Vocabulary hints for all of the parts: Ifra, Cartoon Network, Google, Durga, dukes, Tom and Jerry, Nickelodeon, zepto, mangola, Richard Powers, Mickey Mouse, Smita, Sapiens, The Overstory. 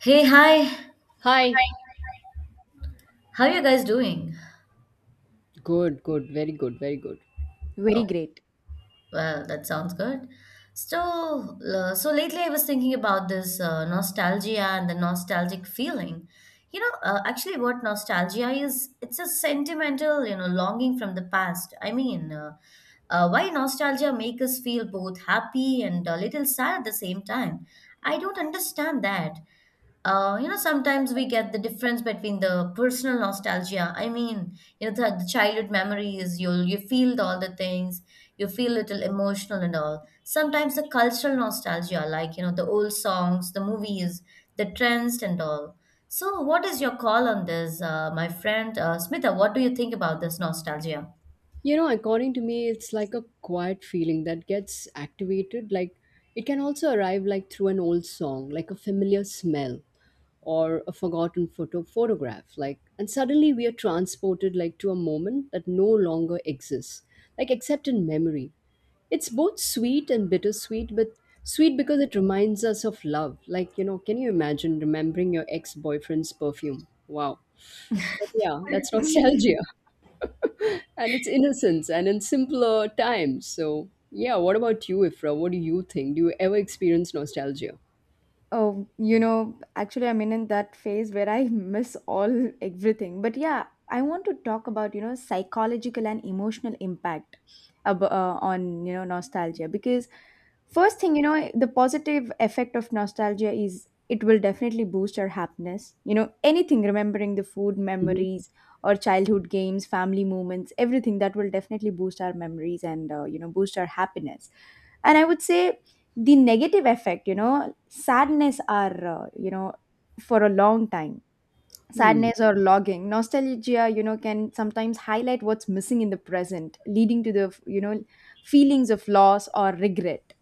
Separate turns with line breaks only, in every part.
Hey, hi.
Hi.
How you guys doing?
Good, good, very good, very good.
Oh,
Very great.
well, that sounds good. So lately I was thinking about this nostalgia and the nostalgic feeling. Actually, what nostalgia is, it's a sentimental, longing from the past. Why nostalgia make us feel both happy and a little sad at the same time? I don't understand that. You know, sometimes we get the difference between the personal nostalgia. I mean, you know, the childhood memories, you feel all the things, you feel little emotional and all. Sometimes the cultural nostalgia, like, you know, the old songs, the movies, the trends and all. So, what is your call on this, my friend? Smita, what do you think about this nostalgia?
You know, according to me, it's like a quiet feeling that gets activated. Like it can also arrive like through an old song, like a familiar smell or a forgotten photograph. Like and suddenly we are transported like to a moment that no longer exists, like except in memory. It's both sweet and bittersweet, but sweet because it reminds us of love. Like, you know, can you imagine remembering your ex-boyfriend's perfume? Wow. But yeah, that's nostalgia. And it's innocence and in simpler times. So, yeah, what about you, Ifra? What do you think? Do you ever experience nostalgia?
Oh, you know, actually, I'm in that phase where I miss all everything. But yeah, I want to talk about, you know, psychological and emotional impact on, you know, nostalgia. Because, first thing, you know, the positive effect of nostalgia is it will definitely boost our happiness. You know, anything, remembering the food
Hmm.
memories or childhood games, family moments, everything that will definitely boost our memories and, you know, boost our happiness. And I would say the negative effect, you know, sadness are, you know, for a long time,
Hmm.
sadness or logging nostalgia, you know, can sometimes highlight what's missing in the present, leading to the, you know, feelings of loss or regret.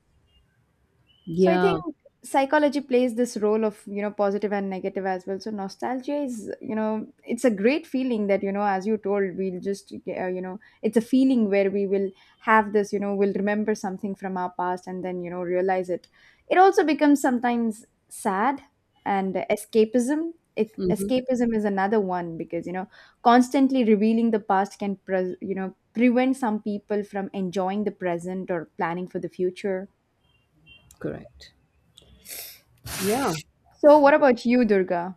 So I think
Yeah.
psychology plays this role of, you know, positive and negative as well. So nostalgia is, you know, it's a great feeling that, you know, as you told, we'll just, you know, it's a feeling where we will have this, you know, we'll remember something from our past and then, you know, realize it. It also becomes sometimes sad and escapism. It,
Hmm.
escapism is another one because, you know, constantly revealing the past can, pres you know, prevent some people from enjoying the present or planning for the future.
Correct. Yeah.
So what about you, Durga?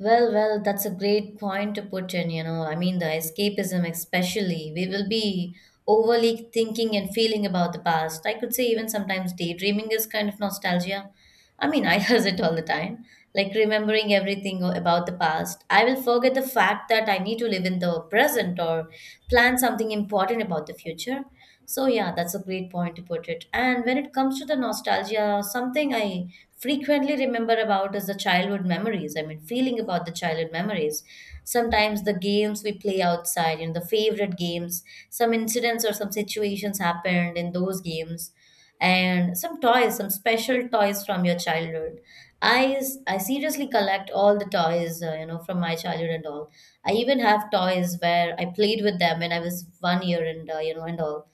Well, well, that's a great point to put in, you know. I mean, the escapism, especially, we will be overly thinking and feeling about the past. I could say, even sometimes, daydreaming is kind of nostalgia. I mean, I does it all the time, like remembering everything about the past. I will forget the fact that I need to live in the present or plan something important about the future. So, yeah, that's a great point to put it. And when it comes to the nostalgia, something I frequently remember about is the childhood memories. I mean, feeling about the childhood memories. Sometimes the games we play outside, you know, the favorite games, some incidents or some situations happened in those games, and some toys, some special toys from your childhood. I seriously collect all the toys, you know, from my childhood and all. I even have toys where I played with them when I was 1 year and, you know, and all.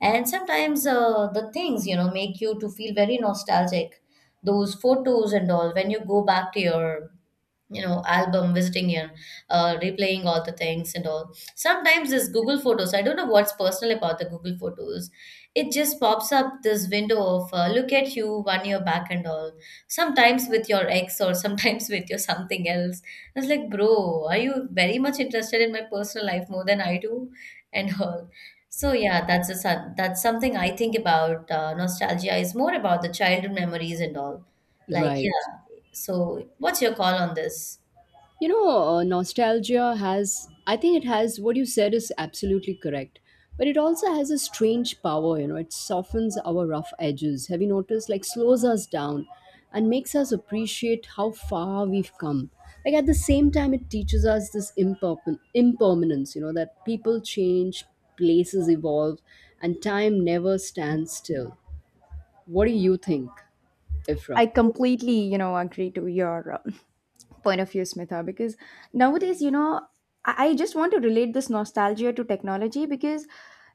And sometimes the things, you know, make you to feel very nostalgic, those photos and all, when you go back to your, you know, album visiting and replaying all the things and all. Sometimes this Google photos, I don't know what's personal about the Google photos. It just pops up this window of, look at you one year back and all, sometimes with your ex or sometimes with your something else. I was like, bro, are you very much interested in my personal life more than I do? And all. So yeah, that's something I think about. Nostalgia is more about the childhood memories and all, like,
Right.
yeah. So, what's your call on this?
Nostalgia has, I think it has, what you said is absolutely correct. But it also has a strange power, you know, it softens our rough edges. Have you noticed? Like, slows us down and makes us appreciate how far we've come. Like, at the same time, it teaches us this impermanence, you know, that people change, places evolve, and time never stands still. What do you think, Ifra?
I completely, you know, agree to your point of view, Smitha, because nowadays, you know, I just want to relate this nostalgia to technology, because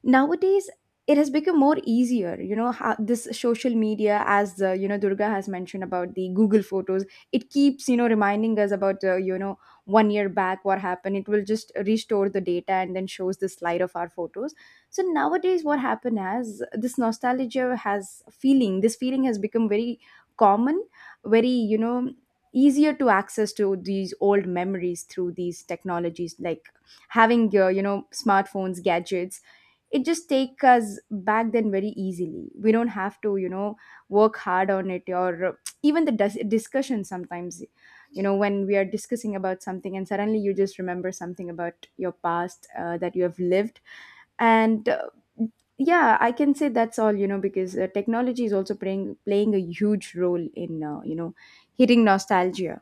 nowadays it has become more easier. You know, how this social media, as you know, Durga has mentioned about the Google Photos, it keeps, you know, reminding us about, you know, 1 year back what happened. It will just restore the data and then shows the slide of our photos. So nowadays what happened, as this nostalgia has feeling, this feeling has become very common, very, you know, easier to access to these old memories through these technologies, like having your, you know, smartphones, gadgets. It just take us back then very easily. We don't have to, you know, work hard on it. Or even the discussion sometimes, you know, when we are discussing about something and suddenly you just remember something about your past, that you have lived. And yeah, I can say that's all, you know, because technology is also playing a huge role in, you know, hitting nostalgia.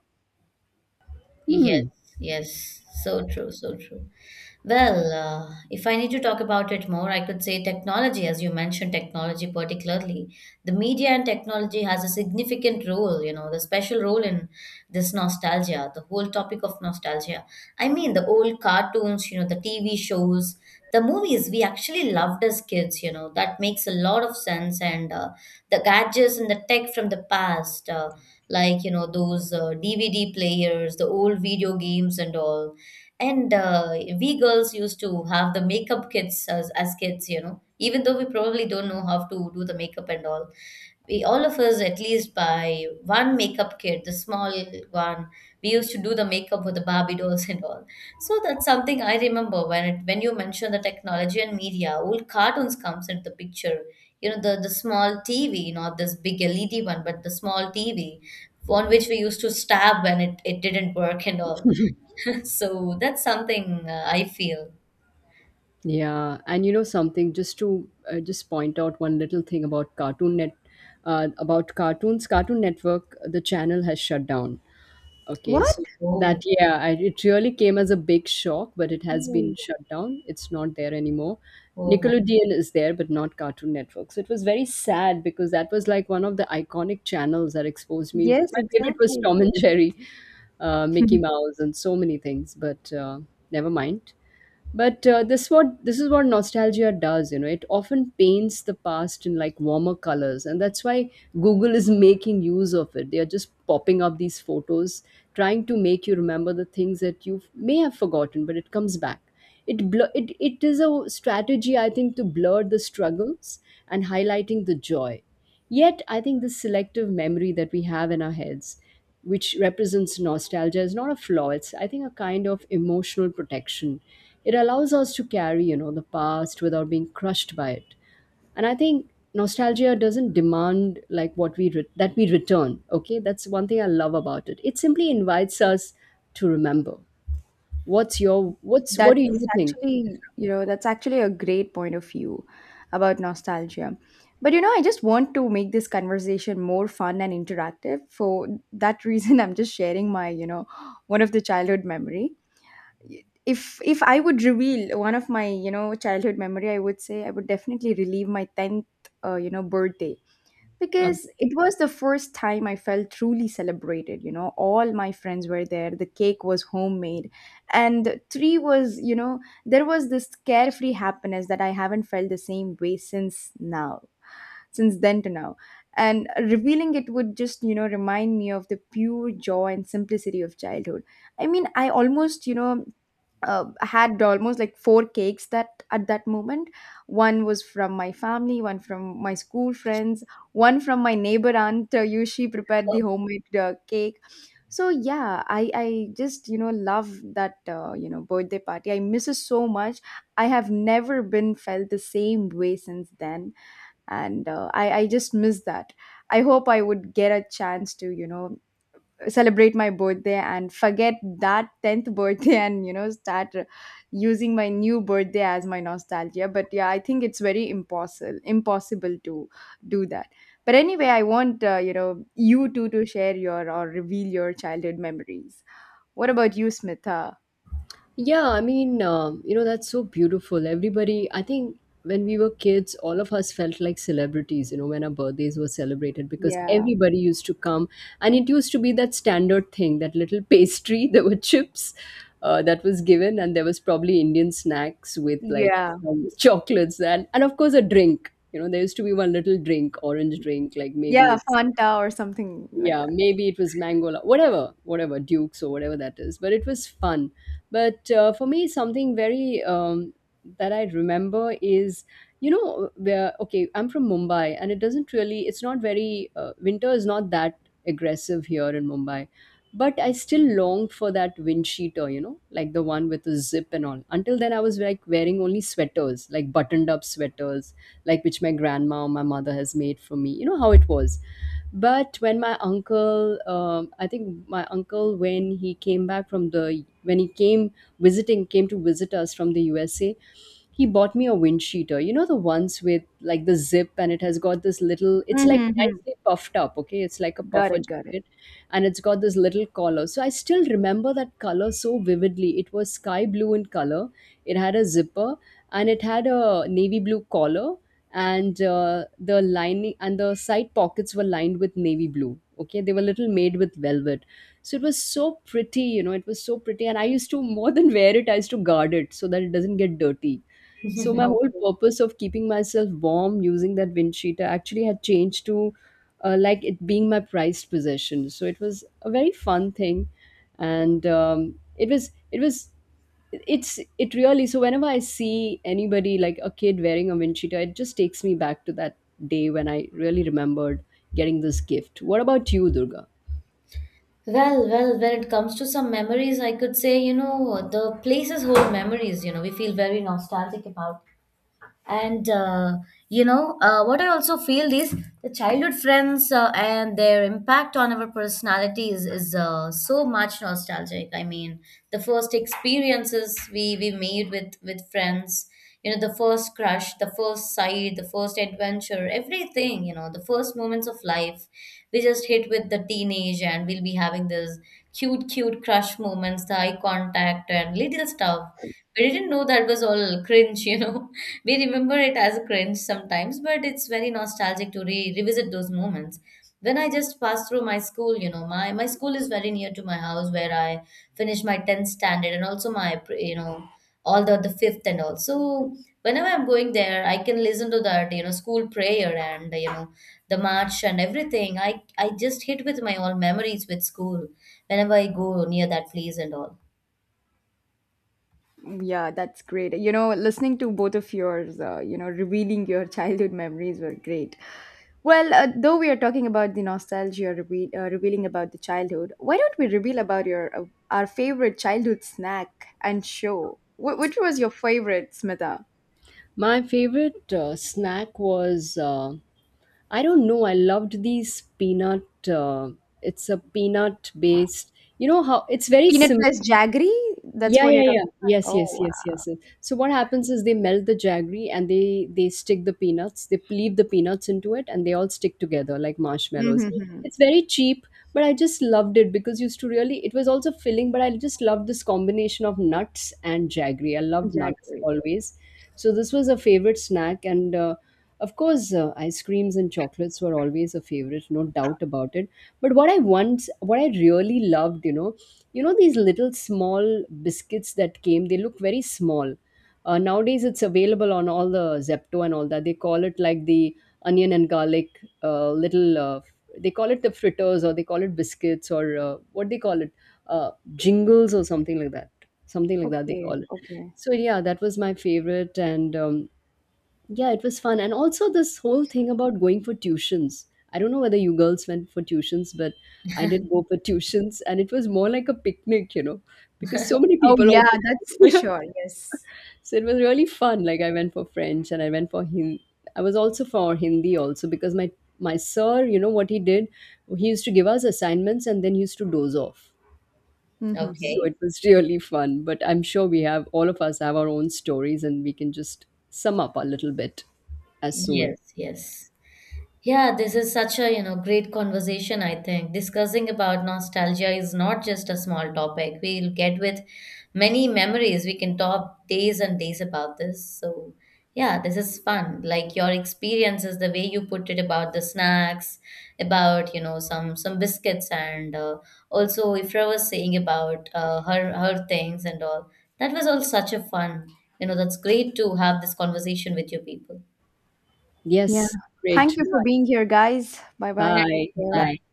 Yes, yes, so true, so true. Well, if I need to talk about it more, I could say technology, as you mentioned, technology particularly, the media and technology has a significant role, you know, the special role in this nostalgia, the whole topic of nostalgia. I mean, the old cartoons, you know, the TV shows, the movies we actually loved as kids, you know, that makes a lot of sense. And The gadgets and the tech from the past. Like, you know, those DVD players, the old video games and all. And We girls used to have the makeup kits as kids, you know, even though we probably don't know how to do the makeup and all. We all of us at least buy one makeup kit, the small one. We used to do the makeup with the Barbie dolls and all. So that's something I remember when it, when you mention the technology and media, old cartoons comes into the picture. You know, the small TV, not this big LED one, but the small TV on which we used to stab when it didn't work and all. So that's something I feel.
Yeah, and you know something, just point out one little thing about Cartoon Network. The channel has shut down. Okay,
What?
so that
Oh,
yeah, it really came as a big shock, but it has been
Oh,
shut down. It's not there anymore.
oh my
Nickelodeon is there, but not Cartoon Network. So it was very sad because that was like one of the iconic channels that exposed me.
yes,
My favorite was
exactly.
Tom and Jerry, Mickey Mouse, and so many things. But Never mind. But uh, this is what nostalgia does, you know. It often paints the past in like warmer colors, and that's why Google is making use of it. They are just popping up these photos, trying to make you remember the things that you may have forgotten, but it comes back. It blur it It is a strategy, I think, to blur the struggles and highlighting the joy. Yet, I think this selective memory that we have in our heads, which represents nostalgia, is not a flaw. It's, I think, a kind of emotional protection. It allows us to carry, you know, the past without being crushed by it. And I think nostalgia doesn't demand that we return. Okay, that's one thing I love about it. It simply invites us to remember. What's your what's
That's
what do you think?
actually, you know, that's actually a great point of view about nostalgia. But you know, I just want to make this conversation more fun and interactive. For that reason, I'm just sharing my, you know, one of the childhood memory. If I would reveal one of my, you know, childhood memory, I would say I would definitely relive my tenth you know, birthday,
God.
because it was the first time I felt truly celebrated. You know, all my friends were there. The cake was homemade, and three was, you know, there was this carefree happiness that I haven't felt the same way since now, since then to now. And revealing it would just, you know, remind me of the pure joy and simplicity of childhood. I mean, I almost, you know, had almost like four cakes that at that moment. One was from my family, one from my school friends, one from my neighbor aunt. You, she prepared the homemade cake. So yeah, I just, you know, love that, you know, birthday party. I miss it so much. I have never been felt the same way since then. And I just miss that. I hope I would get a chance to, you know, celebrate my birthday and forget that 10th birthday and, you know, start, using my new birthday as my nostalgia. But yeah, I think it's very impossible to do that. But anyway, I want, you know, you two to share your or reveal your childhood memories. What about you, Smitha?
Yeah, I mean, you know, that's so beautiful. Everybody, I think when we were kids, all of us felt like celebrities, you know, when our birthdays were celebrated because
Yeah.
everybody used to come. And it used to be that standard thing, that little pastry. There were chips that was given, and there was probably Indian snacks with like
Yeah,
some chocolates and of course, a drink. You know, there used to be one little drink, orange drink, like maybe
yeah,
it's
Fanta or something like
yeah,
that.
maybe it was Mangola, whatever, whatever Dukes, or whatever that is, but it was fun. But for me, something very that I remember is, you know, where okay, I'm from Mumbai and it doesn't really, it's not very winter is not that aggressive here in Mumbai, but I still longed for that wind sheeter, you know, like the one with the zip and all. Until then, I was like wearing only sweaters, like buttoned up sweaters, like which my grandma or my mother has made for me, you know how it was. But when my uncle I think my uncle when he came back from the when he came visiting came to visit us from the USA, he bought me a wind cheater. You know the ones with like the zip, and it has got this little, it's like
Mm-hmm.
nicely puffed up, okay? It's like a
Got
puffer
it, got it.
jacket, and it's got this little collar. So I still remember that color so vividly. It was sky blue in color. It had a zipper and it had a navy blue collar, and the lining and the side pockets were lined with navy blue. Okay, they were little made with velvet. So it was so pretty, you know, it was so pretty. And I used to, more than wear it, I used to guard it so that it doesn't get dirty. So my whole
Okay.
purpose of keeping myself warm using that wind cheater actually had changed to like it being my prized possession. So it was a very fun thing, and it was it's it really, so whenever I see anybody like a kid wearing a wind cheater, it just takes me back to that day when I really remembered getting this gift. What about you, Durga?
Well, well, when it comes to some memories, I could say, you know, the places hold memories, you know, we feel very nostalgic about. And you know What I also feel is the childhood friends and their impact on our personalities is so much nostalgic. I mean, the first experiences we made with friends. You know, the first crush, the first sight, the first adventure, everything, you know, the first moments of life. We just hit with the teenage and we'll be having this cute crush moments, the eye contact and little stuff. We didn't know that was all cringe, you know. We remember it as a cringe sometimes, but it's very nostalgic to re revisit those moments. When I just passed through my school, you know, my school is very near to my house where I finished my 10th standard and also my, you know, all the fifth and all. So whenever I'm going there, I can listen to that, you know, school prayer and, you know, the march and everything. I just hit with my all memories with school whenever I go near that place and all.
Yeah, that's great. You know, listening to both of yours, you know, revealing your childhood memories were great. Well, though we are talking about the nostalgia reveal, revealing about the childhood, why don't we reveal about your our favorite childhood snack and show? Which was your favorite, Smita?
My favorite snack was I don't know. I loved these peanut. Uh, it's a peanut based. You know how it's very
Peanut
simple.
plus jaggery? That's
Yeah,
what you're
yeah,
talking
yeah.
about?
Yes,
Oh,
yes, yes,
wow.
yes, yes. So what happens is they melt the jaggery and they stick the peanuts. They leave the peanuts into it and they all stick together like marshmallows.
Mm-hmm.
It's very cheap, but I just loved it because used to really, it was also filling, but I just loved this combination of nuts and jaggery. I loved nuts
Jaggery.
always. So this was a favorite snack. And of course ice creams and chocolates were always a favorite, no doubt about it. But what I really loved, you know these little small biscuits that came, they look very small. Nowadays it's available on all the Zepto and all, that they call it like the onion and garlic, little they call it the fritters or they call it biscuits, or what they call it uh, jingles or something like that, something like that they
Okay,
call it.
okay.
So yeah, that was my favorite. And yeah, it was fun. And also this whole thing about going for tuitions, I don't know whether you girls went for tuitions, but I did go for tuitions, and it was more like a picnic, you know, because so many
Oh,
people
yeah,
also
that's for
yeah.
sure. Yes.
So it was really fun, like I went for French and I went for Hindi. I was also for Hindi also because my sir, you know what he did, he used to give us assignments and then he used to doze off.
Mm-hmm.
So
Okay.
it was really fun. But I'm sure we have, all of us have our own stories, and we can just sum up a little bit as soon.
Yes, yes. Yeah, this is such a, you know, great conversation, I think. Discussing about nostalgia is not just a small topic. We'll get with many memories. We can talk days and days about this. So, yeah, this is fun. Like your experiences, the way you put it about the snacks, about, you know, some biscuits and also Ifra was saying about her things and all. That was all such a fun. You know, that's great to have this conversation with you people.
Yeah.
Yes,
Thank
great.
you for being here, guys. Bye bye. Take
Bye.
care.
Bye.
Bye.